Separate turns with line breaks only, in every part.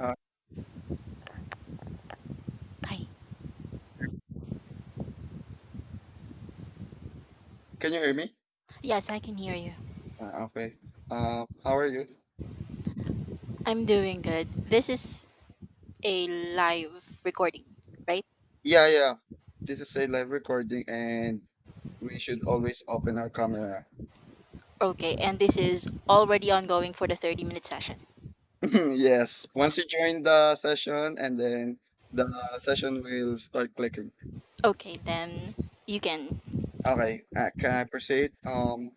Uh,
Hi.
can you hear me?
Yes, I can hear you.
Okay. How are you?
I'm doing good. This is a live recording, right?
Yeah, yeah, this is a live recording, and we should always open our camera.
Okay, and this is already ongoing for the 30-minute session.
Yes, once you join the session, and then the session will start clicking.
Okay, then you can
Okay. Can I proceed?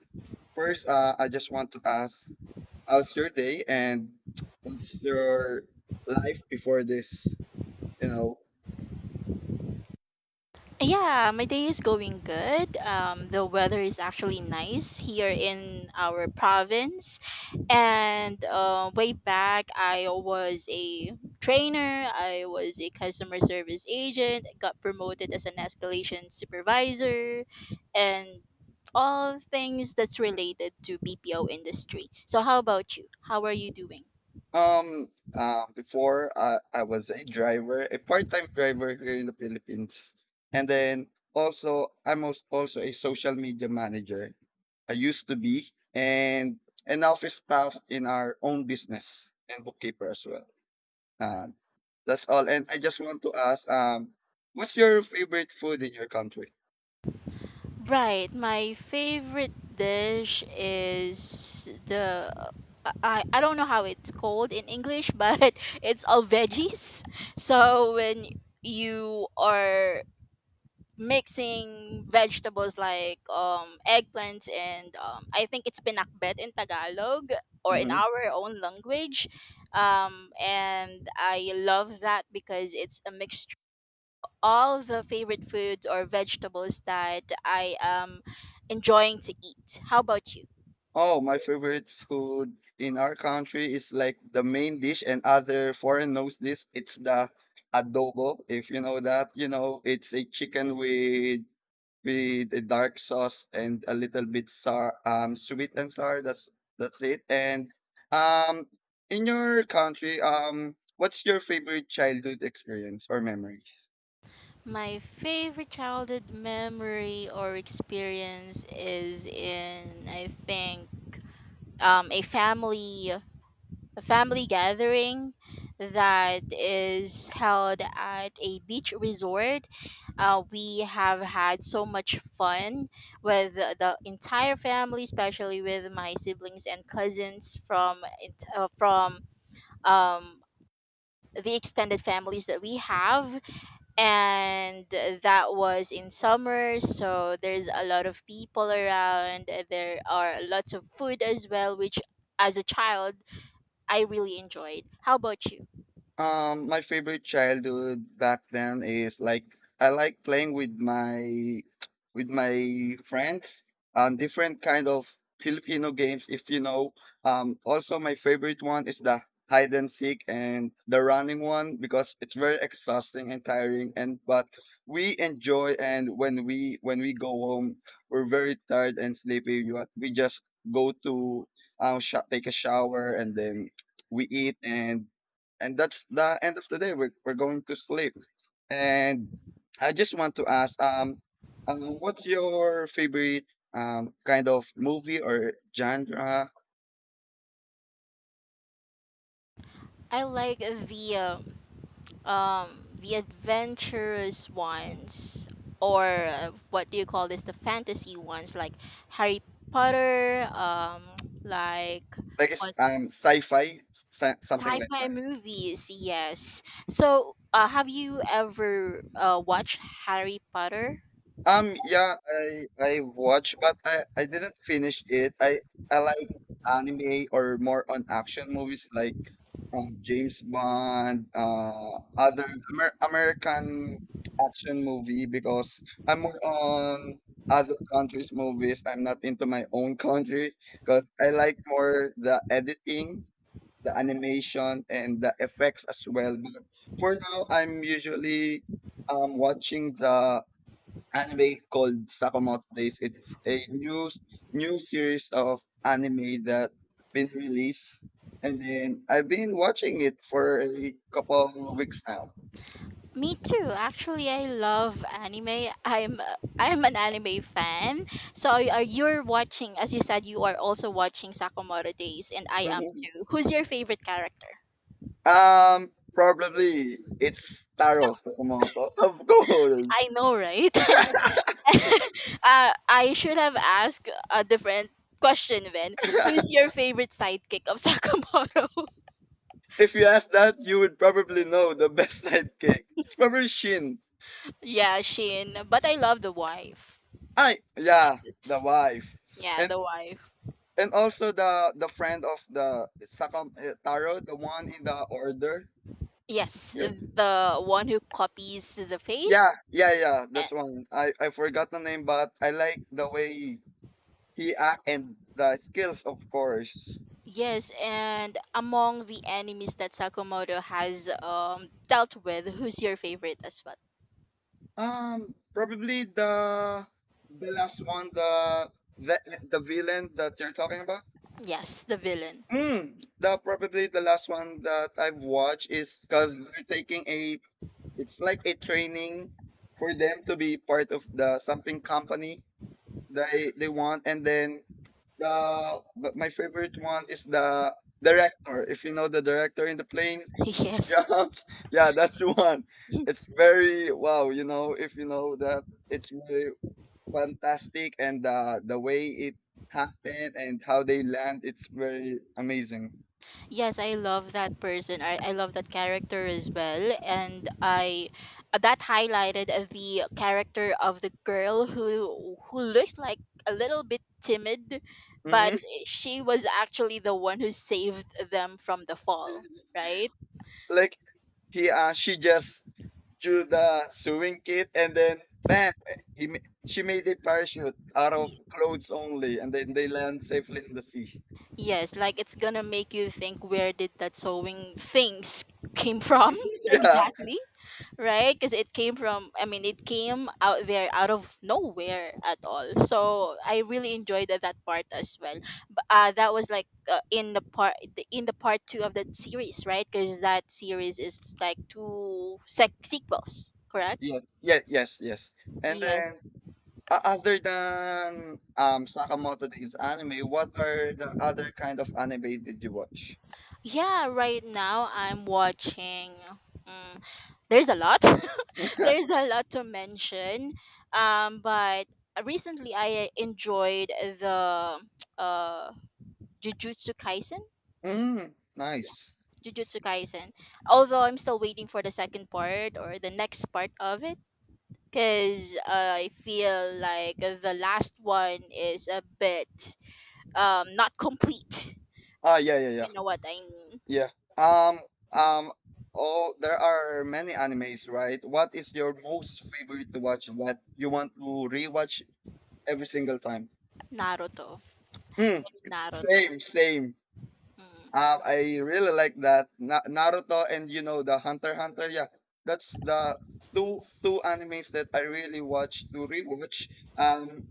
First, I just want to ask, how's your day, and what's your life before this? You know.
Yeah, my day is going good. The weather is actually nice here in our province. And way back, I was a trainer, I was a customer service agent, got promoted as an escalation supervisor, and all things that's related to BPO industry. So, how about you? How are you doing?
Before I was a driver, a part-time driver here in the Philippines, and then also also a social media manager. I used to be and an office staff in our own business and bookkeeper as well. Uh, that's all. And I just want to ask, what's your favorite food in your country?
Right, my favorite dish is the I don't know how it's called in English, but it's all veggies. So when you are mixing vegetables like eggplants and I think it's pinakbet in Tagalog or in
Mm-hmm.
our own language. And I love that because it's a mixture, all the favorite foods or vegetables that I am enjoying to eat. How about you?
Oh, my favorite food in our country is like the main dish, and other foreign knows this. It's the adobo, if you know that. You know, it's a chicken with a dark sauce and a little bit sour, sweet and sour. That's it. And um, in your country, what's your favorite childhood experience or memory?
My favorite childhood memory or experience is in, I think, a family gathering that is held at a beach resort. We have had so much fun with the entire family, especially with my siblings and cousins from um, the extended families that we have. And that was in summer, so there's a lot of people around. There are lots of food as well, which as a child I really enjoyed. How about you?
My favorite childhood back then is like I like playing with my friends on different kind of Filipino games, if you know. Also my favorite one is the hide and seek and the running one because it's very exhausting and tiring and but we enjoy and when we go home we're very tired and sleepy. You we just go to take a shower and then we eat and that's the end of the day we're going to sleep and I just want to ask um, what's your favorite kind of movie or genre
I like the adventurous ones or what do you call this, the fantasy ones like Harry Potter like
like it's sci-fi something like
Sci-fi movies, yes. So, have you ever watched Harry Potter?
Yeah, I watched, but I didn't finish it. I like anime or more on action movies like James Bond, other American action movie because I'm more on other countries' movies. I'm not into my own country because I like more the editing, the animation, and the effects as well. But for now, I'm usually watching the anime called Sakamoto Days. It's a new series of anime that been released, and then I've been watching it for a couple of weeks now.
Me too. Actually, I love anime. I'm an anime fan. So, are you're watching? As you said, you are also watching Sakamura Days, and I am
Mhm.
too. Who's your favorite character?
Probably it's Taro Sakamoto, of course.
I know, right? I should have asked a different question then. Who's your favorite sidekick of Sakamoto?
If you ask that, you would probably know the best sidekick. It's probably Shin.
yeah, Shin. But I love the wife.
I yeah, the
Yes.
wife.
Yeah,
And
the wife.
also the friend of the Sakam eh, Taro, the one in the order.
Yes,
Yeah.
the one who copies the face.
Yeah, yeah, yeah,
Eh,
that's one. I forgot the name, but I like the way he act and the skills, of course.
yes, and among the enemies that Sakamoto has dealt with, who's your favorite as well?
Probably the last one, the the villain that you're talking about.
Yes, the villain.
Hmm. The probably the last one that I've watched is because they're taking a it's like a training for them to be part of the something company they want, and then the but my favorite one is the director. If you know the director in the plane
Yes.
jumps, yeah, that's the one. It's very wow, you know, if you know that it's very fantastic and the way it happened and how they land, it's very amazing.
Yes, I love that person. I love that character as well. And I that highlighted the character of the girl who looks like a little bit timid,
Hmm.
but she was actually the one who saved them from the fall, right?
Like he she just threw the sewing kit and then bam she made a parachute out of clothes only and then they land safely in the sea.
Yes, like it's gonna make you think, where did that sewing things came from?
Yeah.
Exactly. Right? Because it came from, I mean, it came out there out of nowhere at all. So I really enjoyed that part as well. But that was like in the part in the part two of that series, right? Because that series is like sequels, correct?
Yes, yes, yes, yes. And
Yes.
then other than Sakamoto Days anime, what are the other kind of anime did you watch?
Yeah. Right now I'm watching. Mm, there's a lot. there's a lot to mention. But recently I enjoyed the uh Jujutsu Kaisen.
Mm,
Yeah,
nice.
Jujutsu Kaisen. Although I'm still waiting for the second part or the next part of it, because I feel like the last one is a bit not complete.
Ah, yeah, yeah, yeah,
You know what I mean?
yeah. Um, um. Oh, there are many animes, right? What is your most favorite to watch that you want to rewatch every single time?
Naruto.
Mm,
Naruto.
same, same.
Mm.
I really like that Naruto and you know the Hunter x Hunter. Yeah, that's the two animes that I really watch to rewatch. Um,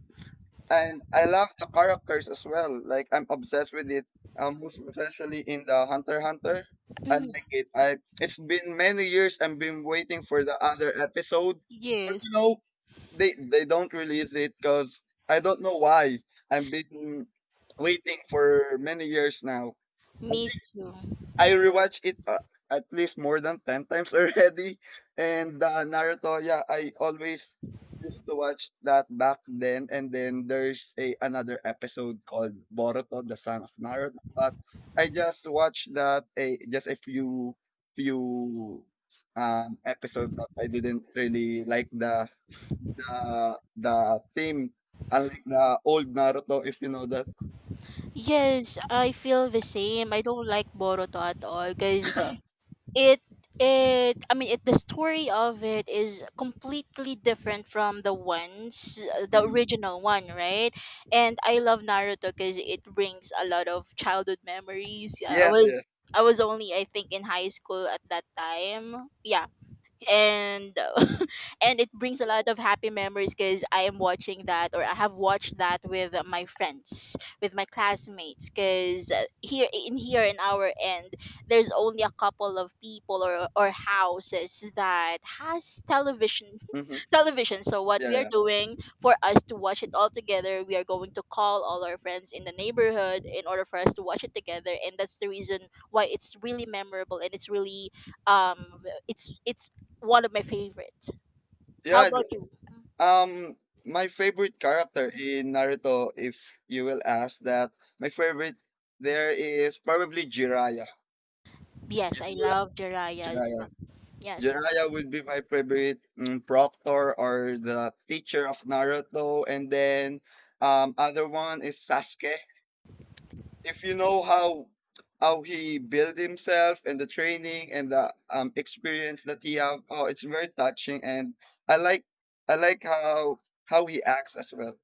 and I love the characters as well, like I'm obsessed with it. Most especially in the Hunter x Hunter. I like
Mhm.
it. I it's been many years. I've been waiting for the other episode, but
Yes,
you know they don't release it because I don't know why. I've been waiting for many years now. I
me
think.
too.
I rewatched it at least more than 10 times already. And Naruto, yeah, I always used to watch that back then. And then there's a another episode called Boruto, the Son of Naruto. But I just watched that a just a few few episode but I didn't really like the the theme unlike the old Naruto if you know that.
Yes, I feel the same. I don't like Boruto at all because it it, I mean, it the story of it is completely different from the ones, the
Mhm.
original one, right? And I love Naruto because it brings a lot of childhood memories. Yeah,
Yes, yes.
I was only, I think, in high school at that time, yeah. And and it brings a lot of happy memories because I am watching that, or I have watched that with my friends, with my classmates. Because here in our end, there's only a couple of people or houses that has television,
Hmm.
television. So what
Yeah,
we are
yeah.
doing for us to watch it all together, we are going to call all our friends in the neighborhood in order for us to watch it together, and that's the reason why it's really memorable and it's really um it's one of my favorites. How
Yeah,
about you?
um, my favorite character in Naruto, if you will ask that, my favorite there is probably Jiraiya.
Yes,
If
I
you will ask
love Jiraiya.
Jiraiya,
Yes,
Jiraiya would be my favorite mm, proctor or the teacher of Naruto, and then other one is Sasuke. If you know how he built himself and the training and the experience that he have, oh, it's very touching, and I like how he acts as well.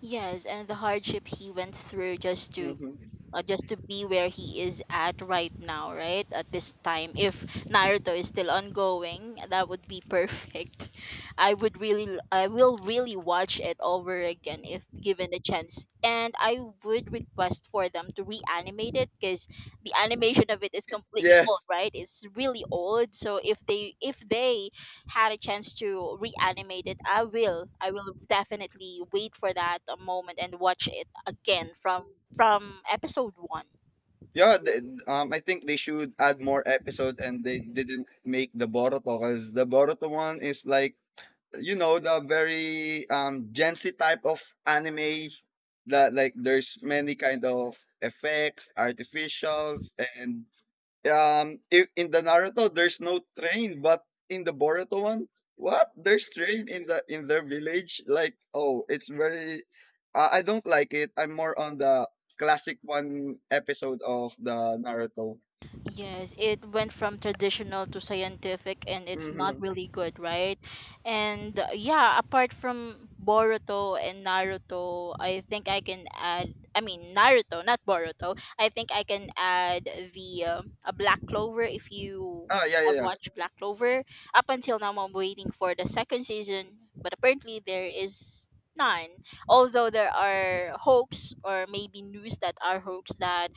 yes, and the hardship he went through
Mhm.
just to be where he is at right now, right at this time. If Naruto is still ongoing, that would be perfect. I would really, I will really watch it over again if given the chance. And I would request for them to reanimate it because the animation of it is completely old,
Yes.
right? It's really old. So if they had a chance to reanimate it, I will. I will definitely wait for that moment and watch it again from episode 1.
Yeah, th- I think they should add more episode and they didn't make the Boruto because the Boruto one is like, you know, the very Gen Z type of anime that like there's many kind of effects, artificials, and um, in the Naruto, there's no train, but in the Boruto one, what? There's train in the in their village. Like, oh, it's very. I don't like it. I'm more on the classic one episode of the Naruto.
Yes, it went from traditional to scientific and it's not
Mm-hmm.
really good, right? And yeah, apart from Boruto and Naruto, I think I can add, I mean Naruto, not Boruto. I think I can add the a Black Clover, if you
Ah, yeah, yeah,
have
yeah,
watched Black Clover. Up until now I'm waiting for the second season, but apparently there is none. Although there are hoax, or maybe news that are hoax, that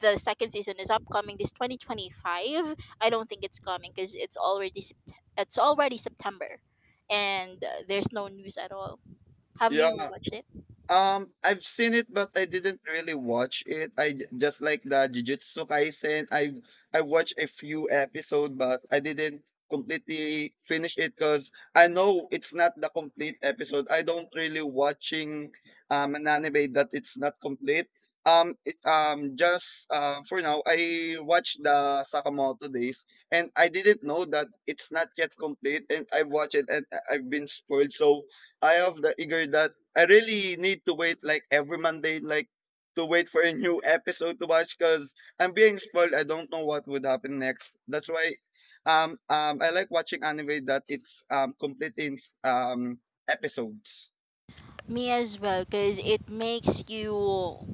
the second season is upcoming this 2025. I don't think it's coming because it's already it's already September and there's no news at all. Have you
yeah.
watched it?
I've seen it, but I didn't really watch it. I just like the Jujutsu Kaisen. I watched a few episodes, but I didn't completely finish it because I know it's not the complete episode. I don't really watching an anime that it's not complete. It, just for now, I watched the Sakamoto Days, and I didn't know that it's not yet complete. And I watched it, and I've been spoiled. So I have the eager that. I really need to wait like every Monday, like to wait for a new episode to watch because I'm being spoiled. I don't know what would happen next. That's why I like watching anime that it's complete in um episodes.
Me as well, because it makes you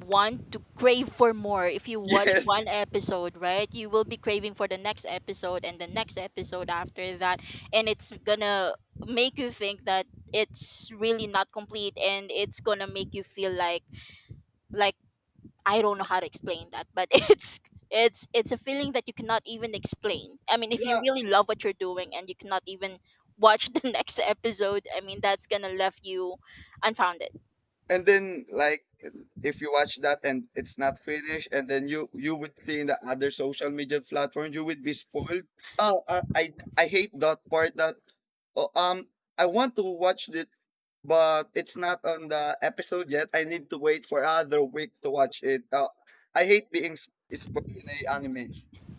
want to crave for more. If you watch
Yes.
one episode, right, you will be craving for the next episode and the next episode after that, and it's gonna make you think that it's really not complete, and it's gonna make you feel like like I don't know how to explain that, but it's a feeling that you cannot even explain. I mean, if you
Yeah.
really love what you're doing and you cannot even watch the next episode, I mean, that's gonna left you unfounded.
And then like if you watch that and it's not finished and then you would see in the other social media platform you would be spoiled. Oh, I hate that part that oh, I want to watch this but it's not on the episode yet. I need to wait for other week to watch it. I hate being spoiled in a anime.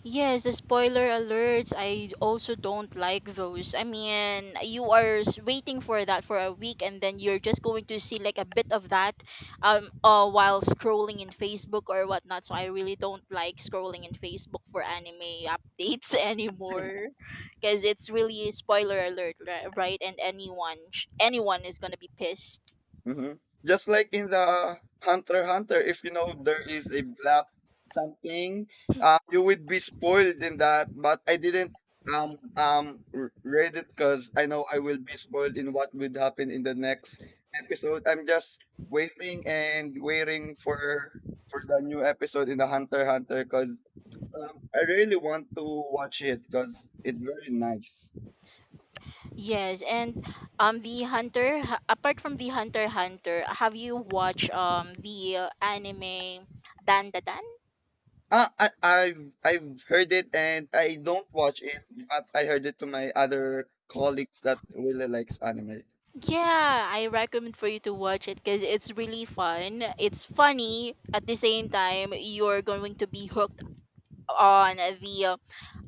Yes, the spoiler alerts, I also don't like those. I mean, you are waiting for that for a week and then you're just going to see like a bit of that while scrolling in Facebook or whatnot. So I really don't like scrolling in Facebook for anime updates anymore because it's really spoiler alert, right? And anyone is going to be pissed.
Hmm. Just like in the Hunter x Hunter, if you know there is a black something, you would be spoiled in that. But I didn't read it because I know I will be spoiled in what would happen in the next episode. I'm just waiting and waiting for the new episode in the Hunter x Hunter because um, I really want to watch it because it's very nice.
Yes, and apart from the Hunter x Hunter, have you watched the anime Dan Da Dan?
Ah, I've heard it and I don't watch it, but I heard it to my other colleagues that really likes anime.
Yeah, I recommend for you to watch it because it's really fun. It's funny, at the same time you're going to be hooked on the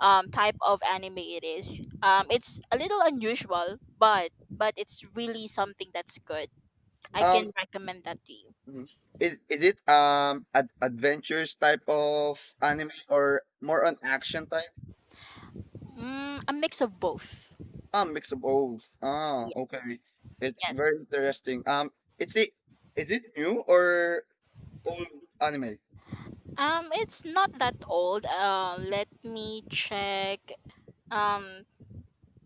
type of anime it is. It's a little unusual, but it's really something that's good. I
Um,
can recommend that to you.
Mm. Is it ad adventures type of anime or more on action type?
Mm, a mix of both.
Ah, mix of both. Ah,
Yes.
okay. It's very interesting. It is it new or old anime?
It's not that old. Let me check. Um,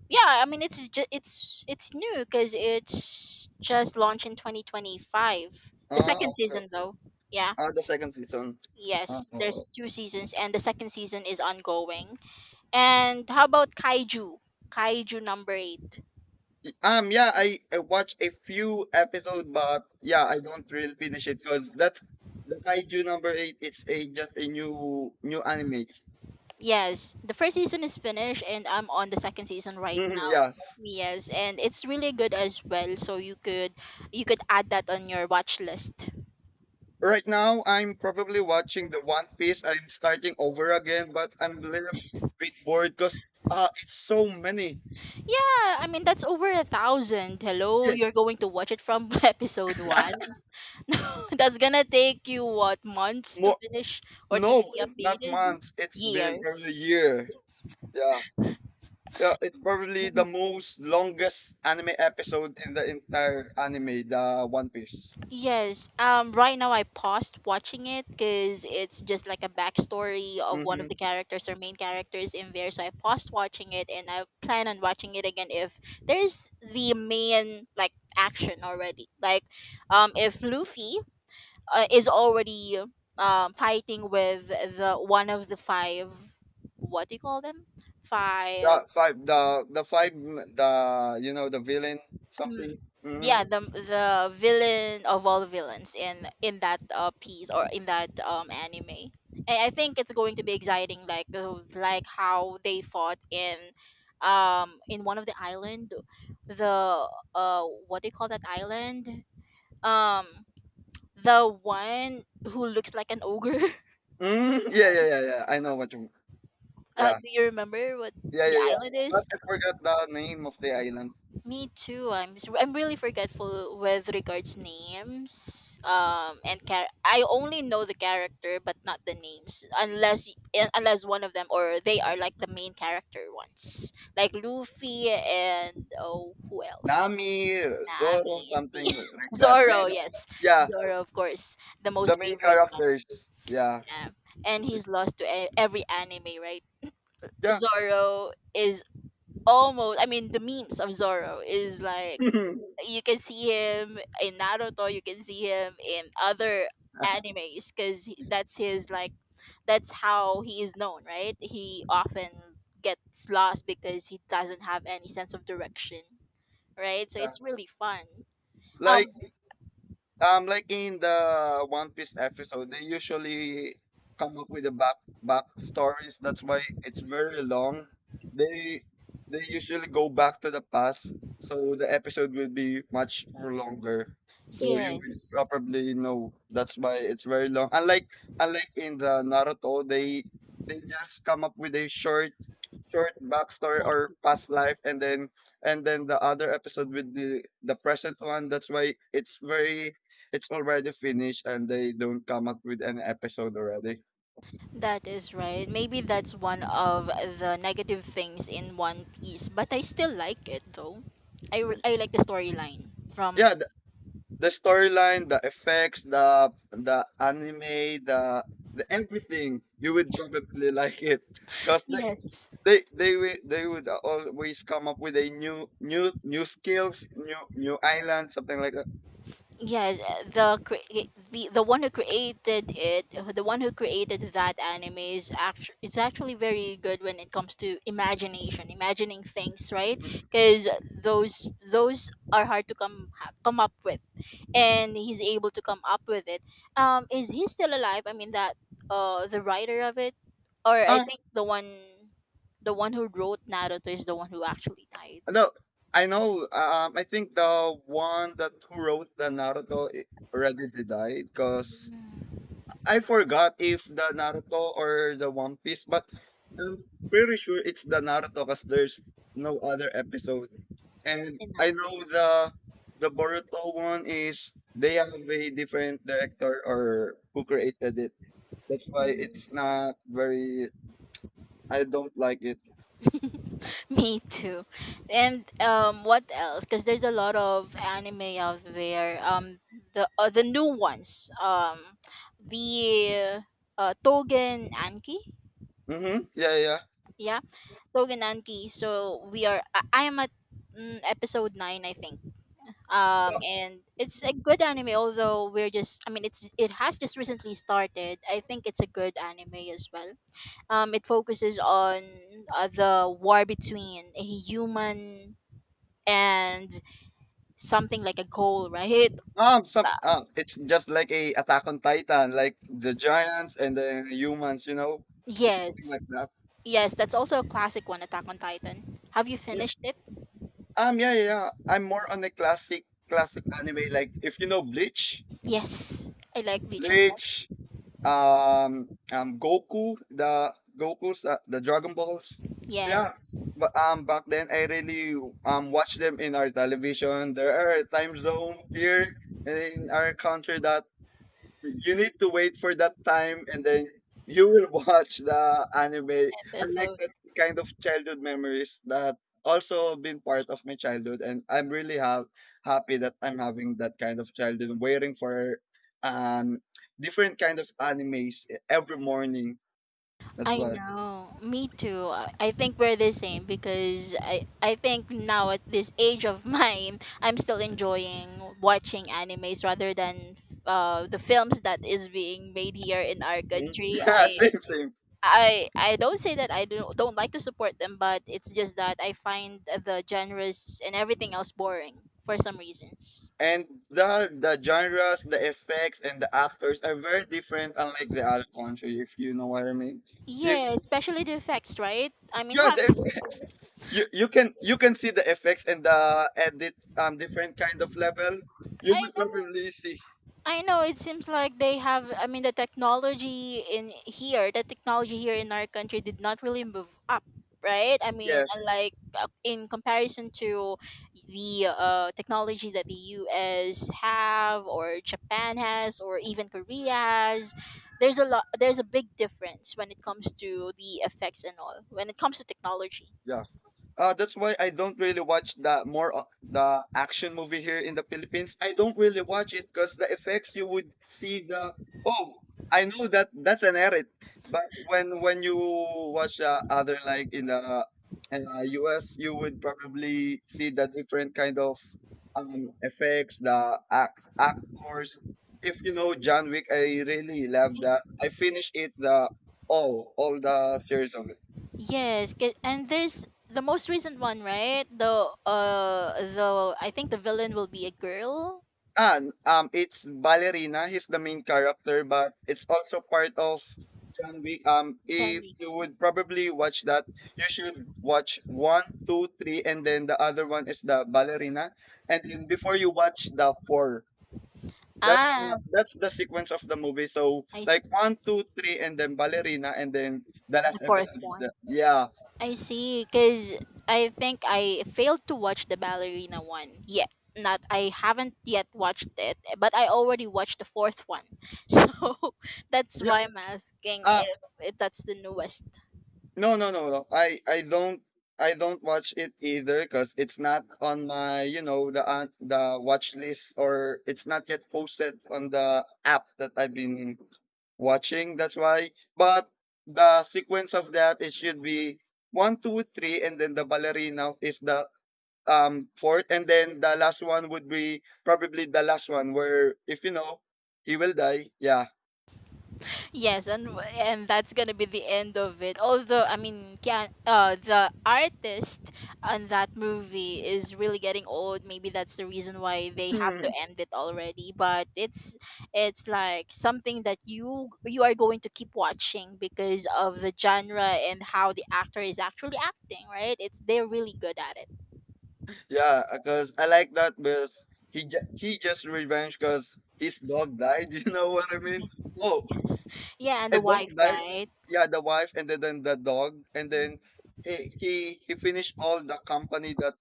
yeah, I mean it's new because it's just launched in 2025. The
Ah,
second
okay.
season though. Yeah.
Ah, the second season. Ah,
Yes,
oh,
there's two seasons and the second season is ongoing. And how about Kaiju? Kaiju number 8.
yeah, I watched a few episodes, but yeah, I don't really finish it because that's the kaiju number eight. It's a just a new anime.
Yes, the first season is finished and I'm on the second season right
Hmm,
now.
yes.
Yes, and it's really good as well, so you could add that on your watch list.
Right now, I'm probably watching the One Piece. I'm starting over again, but I'm a little bit bored because it's so many.
Yeah, I mean that's over a thousand. Hello,
Yes.
you're going to watch it from episode one. No, that's gonna take you what, months to
More
finish or to
no,
be
not
updated?
months. It's been
Years.
probably a year. Yeah. Yeah, it's probably the most longest anime episode in the entire anime, the One Piece.
Yes. Right now, I paused watching it because it's just like a backstory of one
Mm-hmm.
of the characters or main characters in there. So I paused watching it, and I plan on watching it again if there's the main like action already. Like, if Luffy is already fighting with the one of the five, what do you call them, five,
The five, the you know the villain something.
mm,
Mm-hmm.
yeah, the villain of all villains in that piece, or in that anime. I think it's going to be exciting, like how they fought in one of the island, the what do you call that island, um the one who looks like an ogre.
Mm, yeah, yeah, yeah, yeah. I know what you. Yeah,
Do you remember what
yeah,
the
yeah, yeah.
island
But
is?
I forgot the name of the island.
Me too. I'm really forgetful with regards names. And I only know the character, but not the names, unless unless one of them, or they are like the main character ones, like Luffy and, oh, who else?
Nami, Zoro,
Nami, the
something like that.
Zoro. Yes,
Yeah.
Zoro, of course, the
The
most
main
favorite one.
characters. Yeah,
Yeah, and he's lost to every anime, right?
yeah.
Zoro is almost, I mean the memes of Zoro is like,
Mhm.
you can see him in Naruto, you can see him in other animes because that's his like, that's how he is known, right? He often gets lost because he doesn't have any sense of direction, right? So
Yeah.
it's really fun. Um,
Like like in the One Piece episode, they usually come up with the back stories. That's why it's very long. They they usually go back to the past, so the episode will be much more longer. So you will
yes.
probably know that's why it's very long. Unlike in the Naruto, they just come up with a short backstory
Like,
or past life and then the other episode with the present one. That's why it's very it's already finished and they don't come up with an episode already.
that is right. Maybe that's one of the negative things in One Piece, but I still like it though. I like the storyline from.
Yeah, the storyline, the effects, the anime, the everything you would probably like it because they
Yes.
they they will they would always come up with a new skills, new island, something like that.
Yes, the one who created it, the one who created that anime is actually very good when it comes to imagination, imagining things, right?
Mhm.
Because those are hard to come up with, and he's able to come up with it. Is he still alive? I mean that the writer of it, or I
um
think the one who wrote Naruto is the one who actually died.
No, I know. I think the one that who wrote the Naruto I- already did die because
Mm.
I forgot if the Naruto or the One Piece, but I'm pretty sure it's the Naruto because there's no other episode. And
In
I know the Boruto one is they have a different director or who created it. That's why it's
that.
not very. I don't like it.
Me too. And What else? Because there's a lot of anime out there. The the new ones. The Togen Anki.
Mm-hmm. Yeah, yeah,
Yeah, Togen Anki. So we are. I am at episode nine, I think. And it's
yeah.
a good anime. Although we're just. I mean, it has just recently started. I think it's a good anime as well. It focuses on the war between a human and something like a goal, right?
Some it's just like a Attack on Titan, like the giants and the humans, you know, it's something
Yes.
like that.
Yes, that's also a classic one, Attack on Titan. Have you
Yeah.
finished it?
Yeah, yeah, yeah. I'm more on the classic anime. Like if you know Bleach,
Yes. I like Bleach as well.
Bleach, Goku, the the Dragon Balls.
Yes,
Yeah, but back then I really watched them in our television. There are time zone here in our country that you need to wait for that time and then you will watch the anime. I like
episode.
that kind of childhood memories that also been part of my childhood, and I'm really ha- happy that I'm having that kind of childhood waiting for um different kind of animes e-, every morning. That's
I
why.
know. Me too. I think we're the same because I think now at this age of mine, I'm still enjoying watching animes rather than the films that is being made here in our
Mhm.
country.
Yeah,
I.
same.
I don't say that I don't like to support them, but it's just that I find the genres and everything else boring for some reasons.
And the genres, the effects, and the actors are very different unlike the other country, if you know what I mean. If
Yeah, especially the effects, right? I mean,
yeah, the
have.
effects. You can you can see the effects and the edit different kind of level. You
I
will
know.
probably see.
I know it seems like they have. I mean the technology in here, the technology here in our country did not really move up, right? I mean,
Yes.
like in comparison to the technology that the US have or Japan has or even Korea has, there's a big difference when it comes to the effects and all. When it comes to technology.
Yeah. That's why I don't really watch the more o- the action movie here in the Philippines. I don't really watch it because the effects you would see the oh I know that that's an edit, but when you watch other like in the US, you would probably see the different kind of effects, the act actors. If you know John Wick, I really love that. I finished it the all the series of it.
And there's the most recent one, right? Uh the I think the villain will be a girl.
Ah, it's Ballerina. He's the main character, but it's also part of John Wick. If
Jamming.
you would probably watch that, you should watch one, two, three, and then the other one is the Ballerina. And then before you watch the four, that's
Ah,
not, that's the sequence of the movie. So
I
like
see.
one, two, three, and then Ballerina, and then the
The
last
fourth
episode is
one.
the yeah,
I see, because I think I failed to watch the ballerina one yet. Not, I haven't yet watched it, but I already watched the fourth one. So that's
yeah.
why I'm asking
Uh,
if that's the newest.
no, no. I don't I don't watch it either because it's not on my you know the watch list, or it's not yet posted on the app that I've been watching. That's why. But the sequence of that it should be one, two, three, and then the ballerina is the fourth, and then the last one would be probably the last one where if you know he will die. Yeah.
Yes, and that's gonna be the end of it. Although I mean, can the artist on that movie is really getting old. Maybe that's the reason why they have to end it already. But it's like something that you are going to keep watching because of the genre and how the actor is actually acting. Right? It's they're really good at it.
Yeah, because I like that because he ju- he just revenge because his dog died. You know what I mean? Oh,
Yeah, and
a
the
dog
wife,
died.
right?
Yeah, the wife, and then the dog, and then he he finished all the company that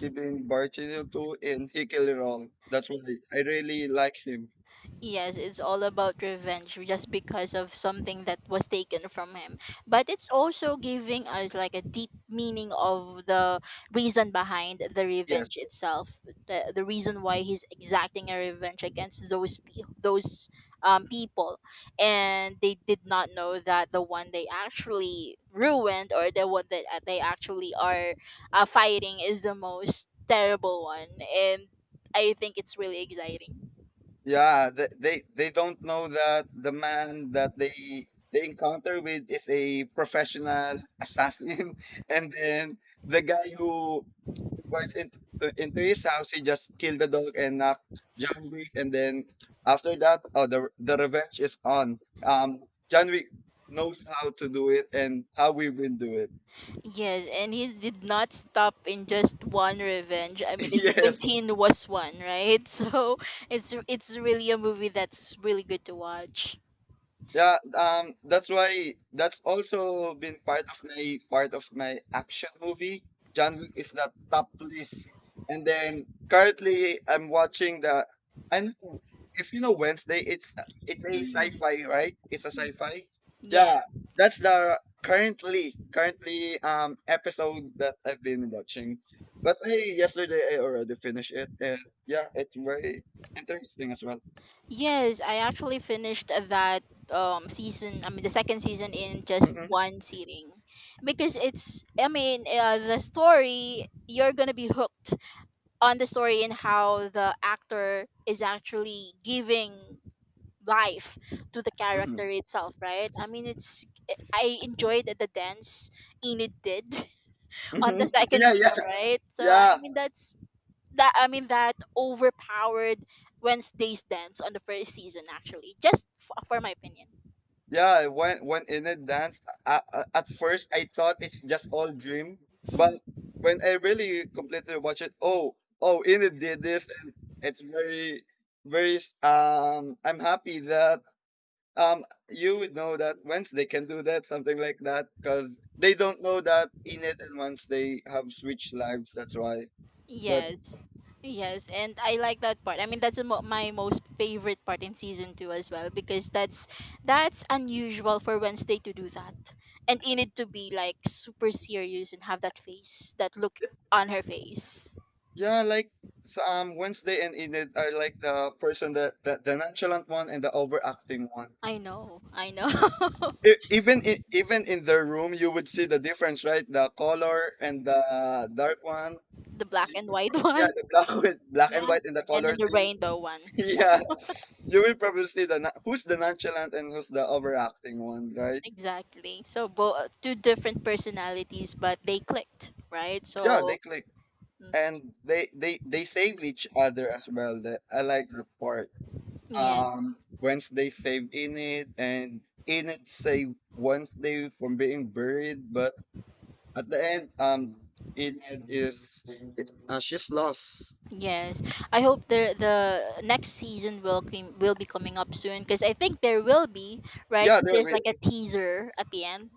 he been bartending to, and he killed it all. That's why I really like him.
Yes, it's all about revenge just because of something that was taken from him. But it's also giving us like a deep meaning of the reason behind the
Yes.
revenge itself, the reason why he's exacting a revenge against those people, and they did not know that the one they actually ruined or the one that they actually are fighting is the most terrible one, and I think it's really exciting.
Yeah, they don't know that the man that they encounter with is a professional assassin and then the guy who barged into his house. He just killed the dog and knocked John Wick. And then after that, oh, the revenge is on. Um, John Wick knows how to do it and how we will do it.
Yes, and he did not stop in just one revenge. I mean, it's a
Yes.
continuous one, right? So it's really a movie that's really good to watch.
Yeah, that's why that's also been part of my action movie. John Wick is the top list, and then currently I'm watching the. And if you know Wednesday, it's a
Mm,
sci-fi, right? It's a sci-fi.
yeah.
Yeah, that's the currently episode that I've been watching. But hey, yesterday I already finished it, and yeah, it's very interesting as well.
Yes, I actually finished that season. I mean, the second season in just
Hmm.
one sitting, because it's. I mean, the story you're gonna be hooked on the story and how the actor is actually giving life to the character
Hmm.
itself, right? I mean, it's. I enjoyed the dance Enid did on
Hmm.
the second
Yeah, yeah,
season, right? So I
yeah.
mean, that's that. I mean, that overpowered Wednesday's dance on the first season, actually. For my opinion.
Yeah, when Enid danced, at first I thought it's just all dream, but when I really completely watch it, oh, oh, Enid did this, and it's very, very. S- I'm happy that you would know that Wednesday can do that, something like that, because they don't know that Enid and Wednesday have switched lives. That's why. That
Yes. Yes, and I like that part. I mean, my most favorite part in season 2 as well because that's unusual for Wednesday to do that. And in it to be like super serious and have that face, that look on her face.
yeah, like so, Wednesday and Enid are like the person that the nonchalant one and the overacting one.
I know. I know.
E- even in, even in their room you would see the difference, right? The color and the dark one,
The black and white
yeah,
one.
the black with black and
Yeah.
white, and the
And
color
then the
thing.
rainbow one.
Yeah, you will probably see the na- who's the nonchalant and who's the overacting one, right?
Exactly. So both two different personalities but they clicked, right?
Yeah, they
So
click,
mm,
and they save each other as well. The, I like the part
yeah.
Wednesday saved in it and in it saved Wednesday from being buried, but at the end, it is it, she's lost.
Yes, I hope the next season will will be coming up soon because I think there will be right.
Yeah, there
There's
we.
like a teaser at the end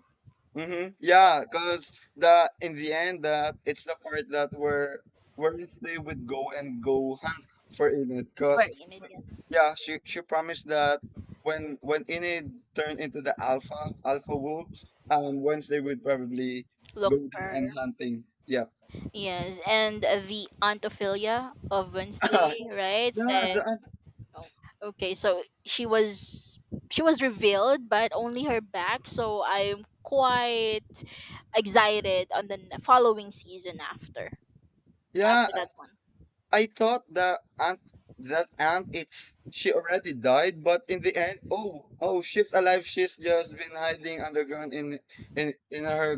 Mm-hmm.
that-
Yeah, because the in the end that it's the part that where they would go and go hunt for Enid.
for
Cause
in it. Yeah.
yeah, she promised that when Enid turned into the alpha wolves, once they would probably
Look
go there
for
and hunting. Yeah.
yes, and the Aunt Ophelia of
yeah.
Wednesday, right? Said,
The,
oh, okay, so she was revealed, but only her back. So I'm quite excited on the following season after
yeah.
after that one.
I thought that aunt it's she already died, but in the end, oh oh she's alive. She's just been hiding underground in in her